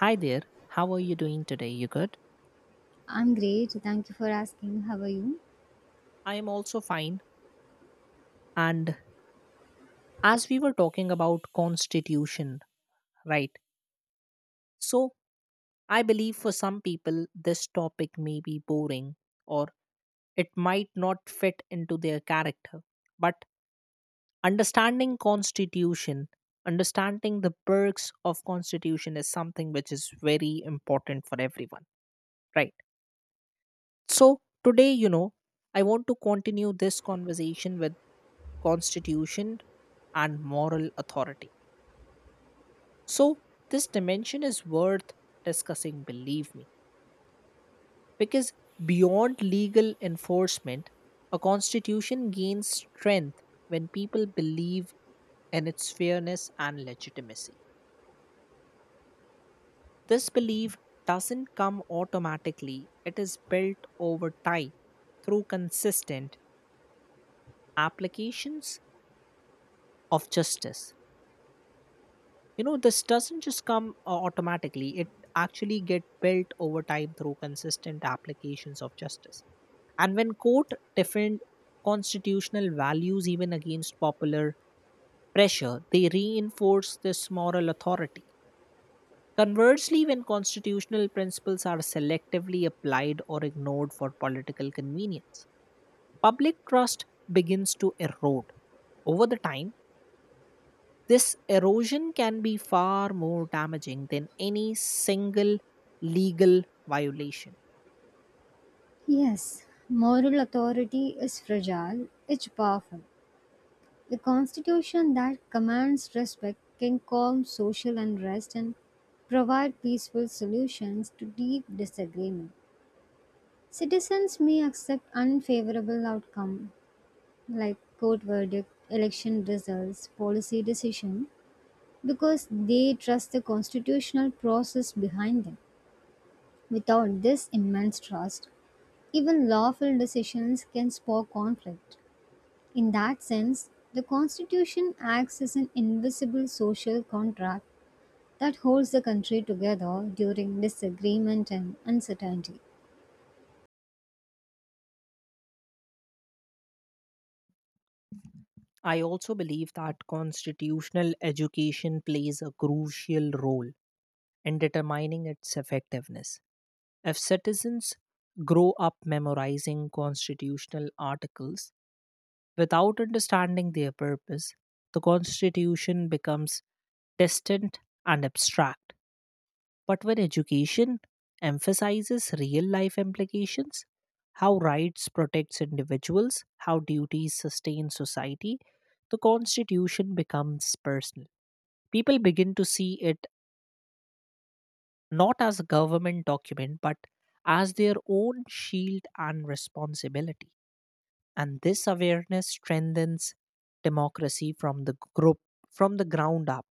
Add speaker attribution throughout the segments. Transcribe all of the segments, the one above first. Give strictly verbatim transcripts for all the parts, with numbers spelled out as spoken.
Speaker 1: Hi there. How are you doing today? You good?
Speaker 2: I'm great. Thank you for asking. How are you?
Speaker 1: I am also fine. And as we were talking about constitution, right? So I believe for some people this topic may be boring or it might not fit into their character. But understanding constitution, understanding the perks of constitution is something which is very important for everyone, right? So today, you know, I want to continue this conversation with constitution and moral authority. So this dimension is worth discussing, believe me, because beyond legal enforcement, a constitution gains strength when people believe in its fairness and legitimacy. This belief doesn't come automatically, it is built over time through consistent applications of justice. You know, this doesn't just come uh, automatically, it actually get built over time through consistent applications of justice. And when court defend constitutional values even against popular pressure, they reinforce this moral authority. Conversely, when constitutional principles are selectively applied or ignored for political convenience, public trust begins to erode over the time. This erosion can be far more damaging than any single legal violation.
Speaker 2: Yes, moral authority is fragile, it's powerful. The constitution that commands respect can calm social unrest and provide peaceful solutions to deep disagreement. Citizens may accept unfavorable outcome like court verdict, election results, policy decision because they trust the constitutional process behind them. Without this immense trust, even lawful decisions can spark conflict. In that sense, the Constitution acts as an invisible social contract that holds the country together during disagreement and uncertainty.
Speaker 1: I also believe that constitutional education plays a crucial role in determining its effectiveness. If citizens grow up memorizing constitutional articles without understanding their purpose, the constitution becomes distant and abstract. But when education emphasizes real life implications, how rights protects individuals, how duties sustain society, the constitution becomes personal. People begin to see it not as a government document but as their own shield and responsibility. And this awareness strengthens democracy from the group from the ground up.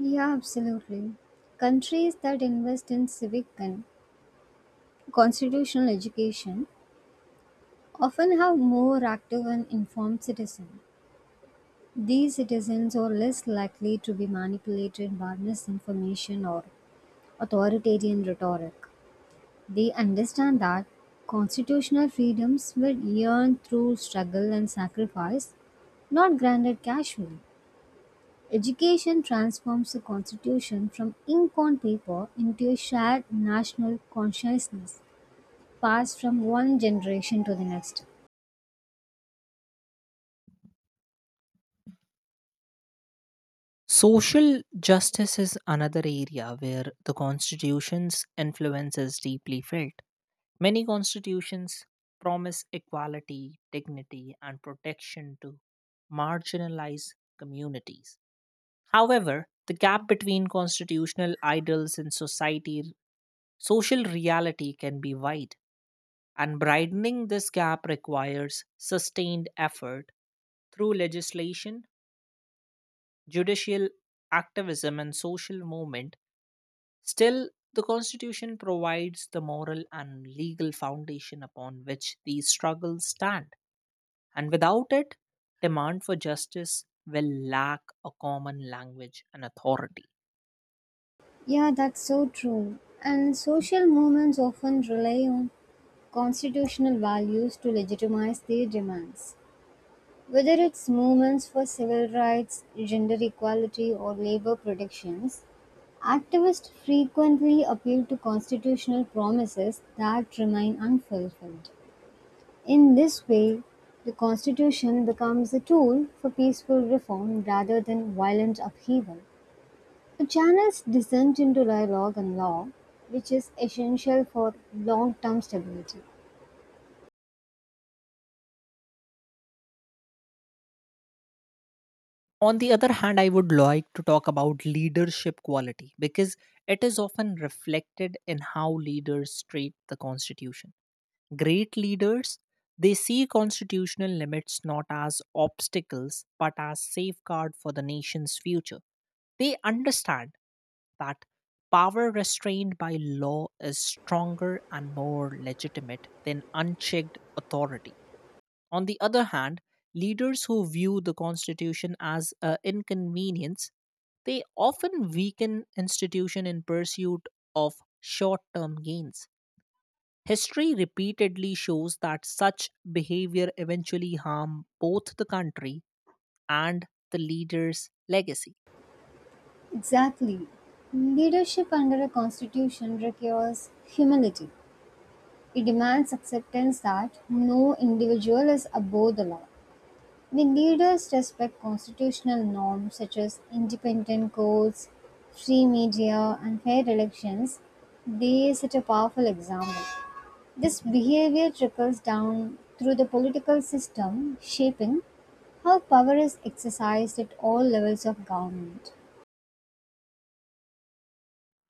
Speaker 2: Yeah, absolutely. Countries that invest in civic and constitutional education often have more active and informed citizens. These citizens are less likely to be manipulated by misinformation or authoritarian rhetoric. They understand that constitutional freedoms were earned through struggle and sacrifice, not granted casually. Education transforms the constitution from ink on paper into a shared national consciousness, passed from one generation to the next.
Speaker 1: Social justice is another area where the constitution's influence is deeply felt. Many constitutions promise equality, dignity, and protection to marginalized communities. However, the gap between constitutional ideals and society social reality can be wide. And widening this gap requires sustained effort through legislation, judicial activism, and social movement. Still, the Constitution provides the moral and legal foundation upon which these struggles stand. And without it, demand for justice will lack a common language and authority.
Speaker 2: Yeah, that's so true. And social movements often rely on constitutional values to legitimize their demands. Whether its movements for civil rights, gender equality, or labor protections, activists frequently appeal to constitutional promises that remain unfulfilled. In this way, the Constitution becomes a tool for peaceful reform rather than violent upheaval. It channels dissent into dialogue and law, which is essential for long term stability.
Speaker 1: On the other hand, I would like to talk about leadership quality because it is often reflected in how leaders treat the Constitution. Great leaders, they see constitutional limits not as obstacles but as safeguard for the nation's future. They understand that power restrained by law is stronger and more legitimate than unchecked authority. On the other hand, leaders who view the constitution as an inconvenience, they often weaken institution in pursuit of short-term gains. History repeatedly shows that such behavior eventually harm both the country and the leader's legacy.
Speaker 2: Exactly. Leadership under a constitution requires humility. It demands acceptance that no individual is above the law. When leaders respect constitutional norms such as independent courts, free media, and fair elections, they set a powerful example. This behavior trickles down through the political system, shaping how power is exercised at all levels of government.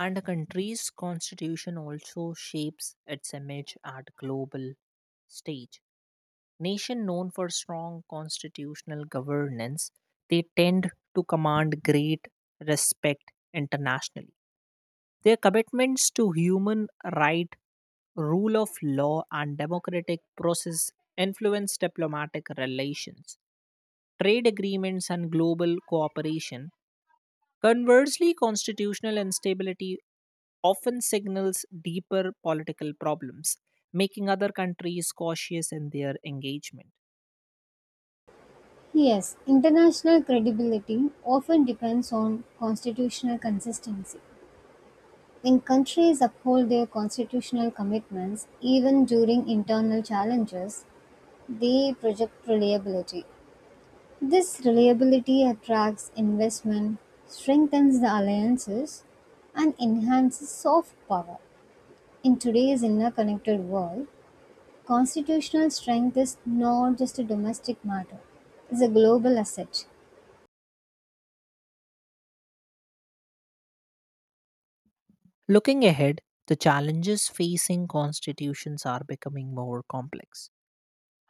Speaker 1: And a country's constitution also shapes its image at global stage. Nation known for strong constitutional governance, they tend to command great respect internationally. Their commitments to human rights, rule of law, and democratic process influence diplomatic relations, trade agreements, and global cooperation. Conversely, constitutional instability often signals deeper political problems, making other countries cautious in their engagement.
Speaker 2: Yes, international credibility often depends on constitutional consistency. When countries uphold their constitutional commitments, even during internal challenges, they project reliability. This reliability attracts investment, strengthens the alliances, and enhances soft power. In today's interconnected world, constitutional strength is not just a domestic matter, it's a global asset.
Speaker 1: Looking ahead, the challenges facing constitutions are becoming more complex.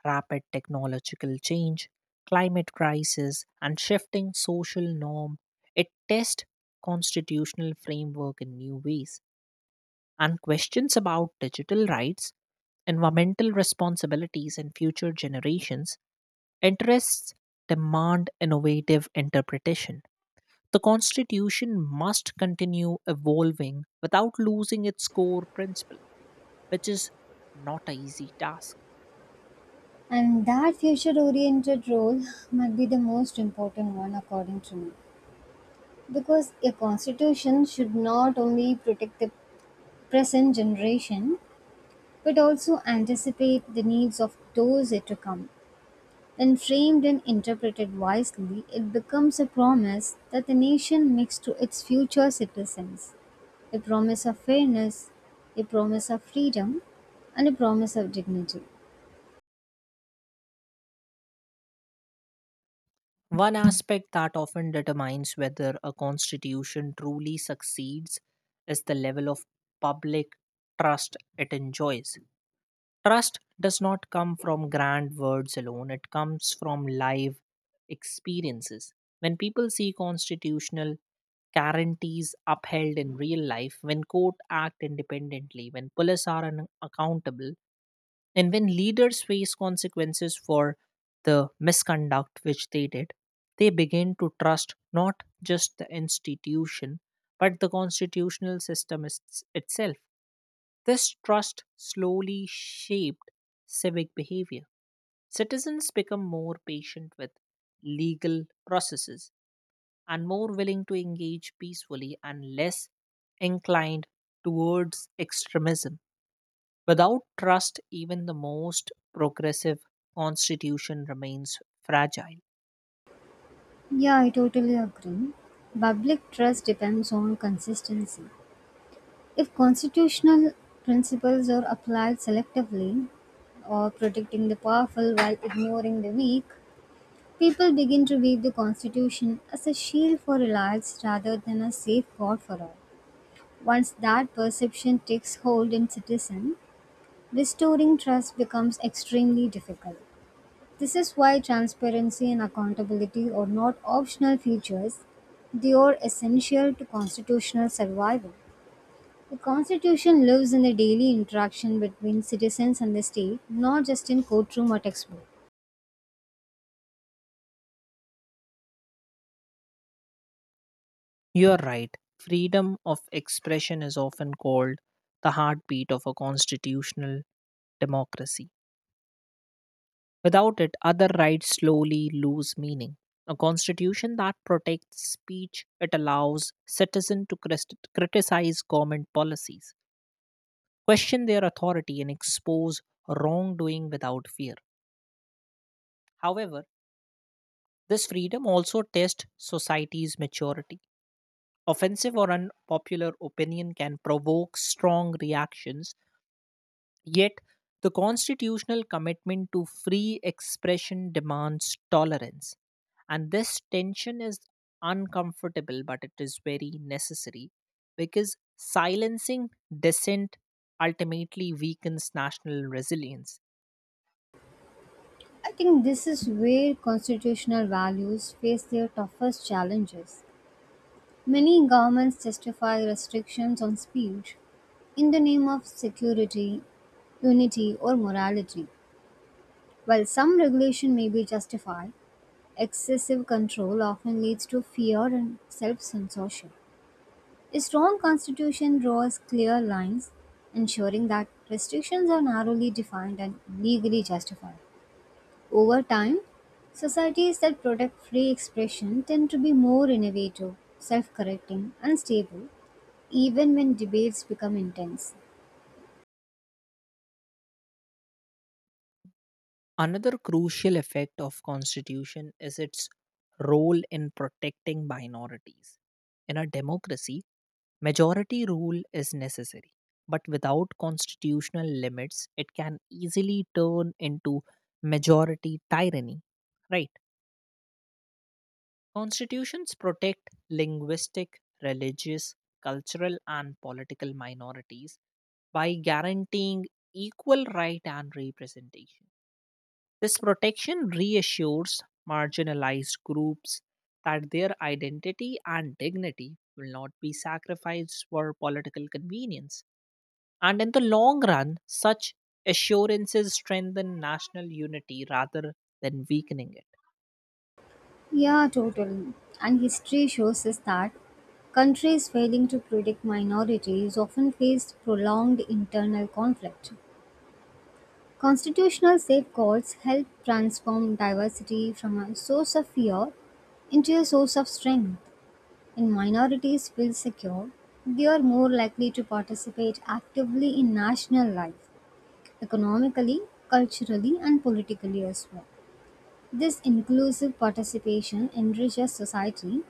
Speaker 1: Rapid technological change, climate crisis, and shifting social norm, it tests constitutional framework in new ways, and questions about digital rights, environmental responsibilities, and future generations interests demand innovative interpretation. The Constitution must continue evolving without losing its core principle, which is not an easy task.
Speaker 2: And that future oriented role might be the most important one, according to me. Because a constitution should not only protect the present generation, but also anticipate the needs of those yet to come. When framed and interpreted wisely, it becomes a promise that the nation makes to its future citizens, a promise of fairness, a promise of freedom, and a promise of dignity.
Speaker 1: One aspect that often determines whether a constitution truly succeeds is the level of public trust it enjoys. Trust does not come from grand words alone, it comes from live experiences. When people see constitutional guarantees upheld in real life, when court act independently, when police are un- accountable, and when leaders face consequences for the misconduct which they did, they begin to trust not just the institution, but the constitutional system is- itself. This trust slowly shaped civic behavior. Citizens become more patient with legal processes and more willing to engage peacefully and less inclined towards extremism. Without trust, even the most progressive constitution remains fragile.
Speaker 2: Yeah, I totally agree. Public trust depends on consistency. If constitutional principles are applied selectively, or protecting the powerful while ignoring the weak, people begin to view the Constitution as a shield for elites rather than a safeguard for all. Once that perception takes hold in citizens, restoring trust becomes extremely difficult. This is why transparency and accountability are not optional features, they are essential to constitutional survival. The Constitution lives in the daily interaction between citizens and the state, not just in courtroom or textbook.
Speaker 1: You are right. Freedom of expression is often called the heartbeat of a constitutional democracy. Without it, other rights slowly lose meaning. A constitution that protects speech, it allows citizens to crist- criticize government policies, question their authority, and expose wrongdoing without fear. However, this freedom also tests society's maturity. Offensive or unpopular opinion can provoke strong reactions, yet, the constitutional commitment to free expression demands tolerance. And this tension is uncomfortable, but it is very necessary because silencing dissent ultimately weakens national resilience.
Speaker 2: I think this is where constitutional values face their toughest challenges. Many governments justify restrictions on speech in the name of security, unity, or morality. While some regulation may be justified, excessive control often leads to fear and self censorship. A strong constitution draws clear lines, ensuring that restrictions are narrowly defined and legally justified. Over time, societies that protect free expression tend to be more innovative, self correcting, and stable, even when debates become intense.
Speaker 1: Another crucial effect of constitution is its role in protecting minorities. In a democracy, majority rule is necessary, but without constitutional limits, it can easily turn into majority tyranny. Right? Constitutions protect linguistic, religious, cultural and political minorities by guaranteeing equal right and representation. This protection reassures marginalized groups that their identity and dignity will not be sacrificed for political convenience. And in the long run, such assurances strengthen national unity rather than weakening it.
Speaker 2: Yeah, totally. And history shows us that countries failing to protect minorities often faced prolonged internal conflict. Constitutional safeguards help transform diversity from a source of fear into a source of strength. When minorities feel secure, they are more likely to participate actively in national life, economically, culturally, and politically as well. This inclusive participation enriches society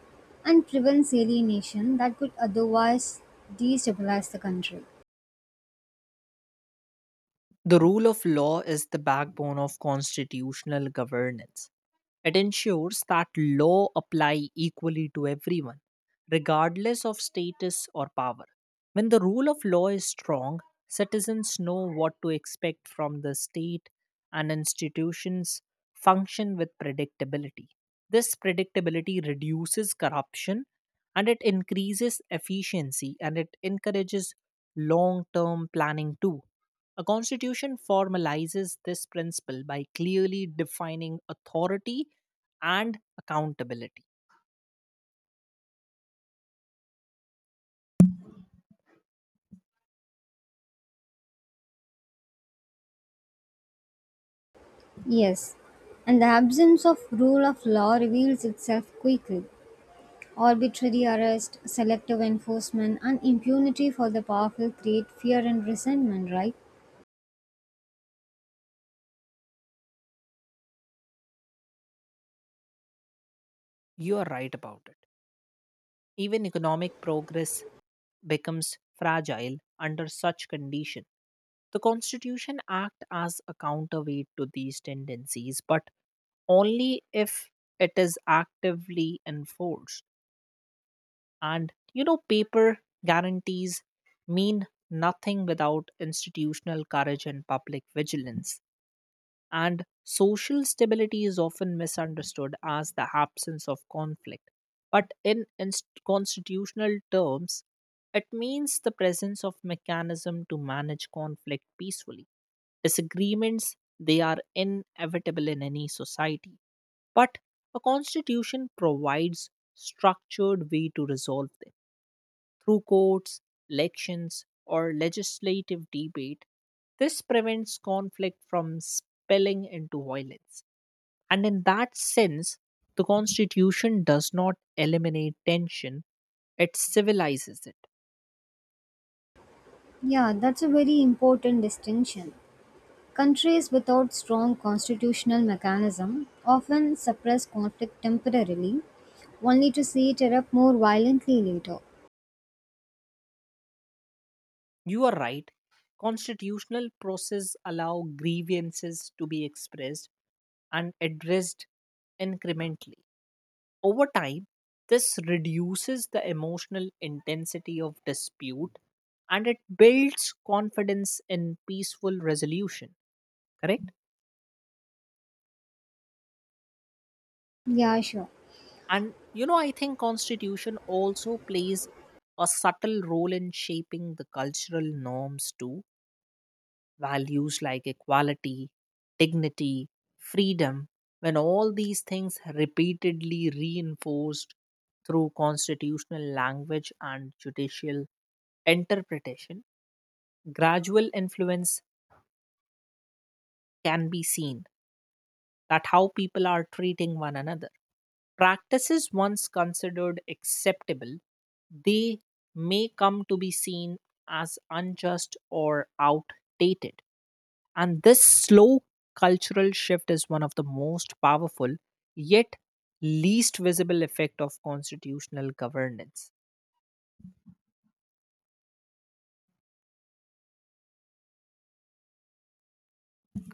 Speaker 2: and prevents alienation that could otherwise destabilize the country.
Speaker 1: The rule of law is the backbone of constitutional governance. It ensures that law apply equally to everyone, regardless of status or power. When the rule of law is strong, citizens know what to expect from the state and institutions function with predictability. This predictability reduces corruption and it increases efficiency and it encourages long term planning too. A constitution formalizes this principle by clearly defining authority and accountability.
Speaker 2: Yes, and the absence of rule of law reveals itself quickly. Arbitrary arrest, selective enforcement, and impunity for the powerful create fear and resentment, right?
Speaker 1: You are right about it. Even economic progress becomes fragile under such condition. The Constitution acts as a counterweight to these tendencies, but only if it is actively enforced. And you know, paper guarantees mean nothing without institutional courage and public vigilance. And social stability is often misunderstood as the absence of conflict. But in inst- constitutional terms, it means the presence of mechanism to manage conflict peacefully. Disagreements, they are inevitable in any society. But a constitution provides structured way to resolve them through courts, elections, or legislative debate. This prevents conflict from spilling into violence. And in that sense, the Constitution does not eliminate tension, it civilizes it.
Speaker 2: Yeah, that's a very important distinction. Countries without strong constitutional mechanism often suppress conflict temporarily, only to see it erupt more violently later.
Speaker 1: You are right. Constitutional process allow grievances to be expressed and addressed incrementally. Over time, this reduces the emotional intensity of dispute and it builds confidence in peaceful resolution, correct?
Speaker 2: Yeah, sure.
Speaker 1: And you know, I think constitution also plays a subtle role in shaping the cultural norms too. Values like equality, dignity, freedom, when all these things repeatedly reinforced through constitutional language and judicial interpretation, gradual influence can be seen that how people are treating one another. Practices once considered acceptable, they may come to be seen as unjust or outdated. And this slow cultural shift is one of the most powerful yet least visible effect of constitutional governance.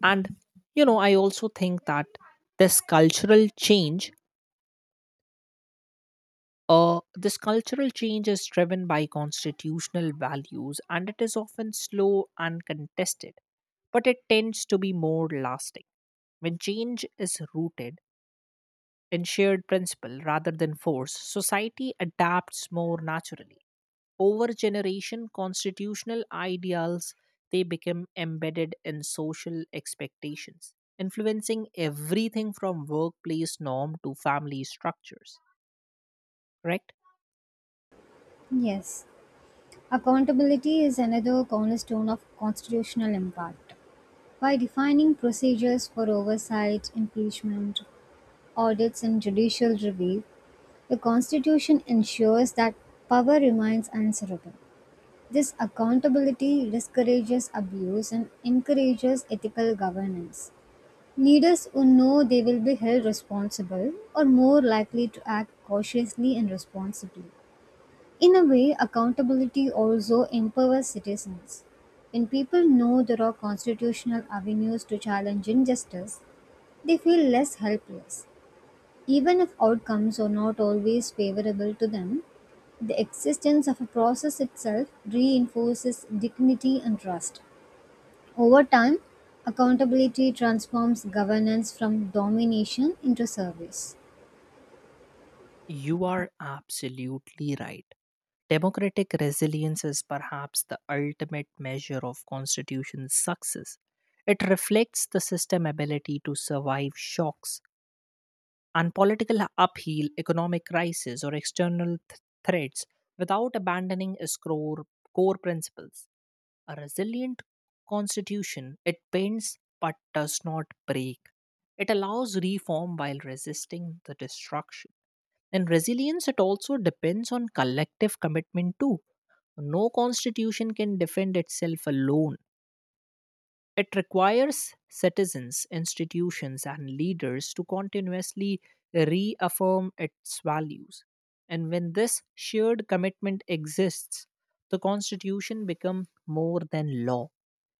Speaker 1: And you know, I also think that this cultural change Uh, this cultural change is driven by constitutional values and it is often slow and contested, but it tends to be more lasting. When change is rooted in shared principle rather than force, society adapts more naturally. Over generation, constitutional ideals they become embedded in social expectations, influencing everything from workplace norm to family structures. Correct?
Speaker 2: Yes. Accountability is another cornerstone of constitutional impact. By defining procedures for oversight, impeachment, audits, and judicial review, the Constitution ensures that power remains answerable; this accountability discourages abuse and encourages ethical governance. Leaders who know they will be held responsible are more likely to act cautiously and responsibly. In a way, accountability also empowers citizens. When people know there are constitutional avenues to challenge injustice, they feel less helpless. Even if outcomes are not always favorable to them, the existence of a process itself reinforces dignity and trust. Over time, accountability transforms governance from domination into service.
Speaker 1: You are absolutely right. Democratic resilience is perhaps the ultimate measure of constitution's success. It reflects the system's ability to survive shocks and political upheaval, economic crisis, or external th- threats without abandoning its core, core principles. A resilient constitution, it bends but does not break. It allows reform while resisting the destruction. And resilience, it also depends on collective commitment too. No constitution can defend itself alone. It requires citizens, institutions, and leaders to continuously reaffirm its values. And when this shared commitment exists, the constitution becomes more than law.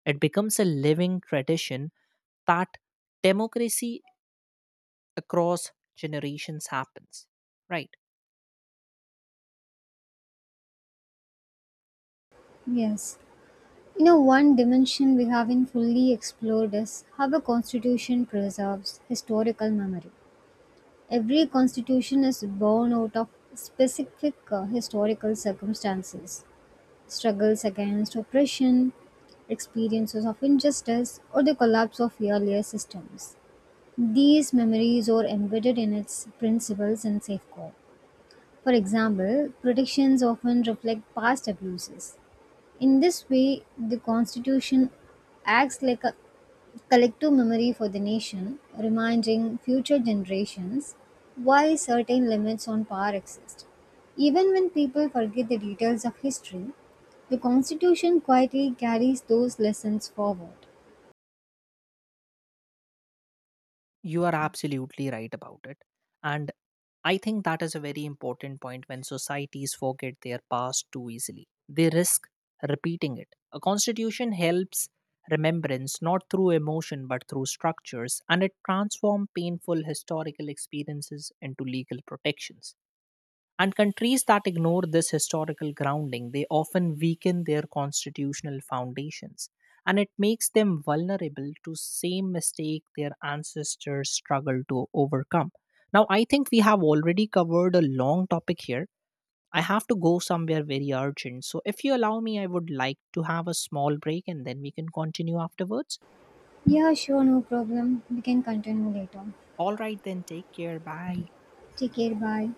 Speaker 1: It becomes a living tradition that democracy across generations happens. Right.
Speaker 2: Yes. You know, one dimension we haven't fully explored is how a constitution preserves historical memory. Every constitution is born out of specific uh, historical circumstances, struggles against oppression, experiences of injustice, or the collapse of earlier systems. These memories are embedded in its principles and safeguards. For example, predictions often reflect past abuses, in this way, the Constitution acts like a collective memory for the nation, reminding future generations why certain limits on power exist. Even when people forget the details of history, the Constitution quietly carries those lessons forward.
Speaker 1: You are absolutely right about it. And I think that is a very important point. When societies forget their past too easily, they risk repeating it. A constitution helps remembrance not through emotion but through structures, and it transforms painful historical experiences into legal protections. And countries that ignore this historical grounding, they often weaken their constitutional foundations. And it makes them vulnerable to same mistake their ancestors struggled to overcome. Now, I think we have already covered a long topic here. I have to go somewhere very urgent. So, if you allow me, I would like to have a small break and then we can continue afterwards.
Speaker 2: Yeah, sure, no problem. We can continue later.
Speaker 1: All right, then take care. Bye.
Speaker 2: Take care, bye.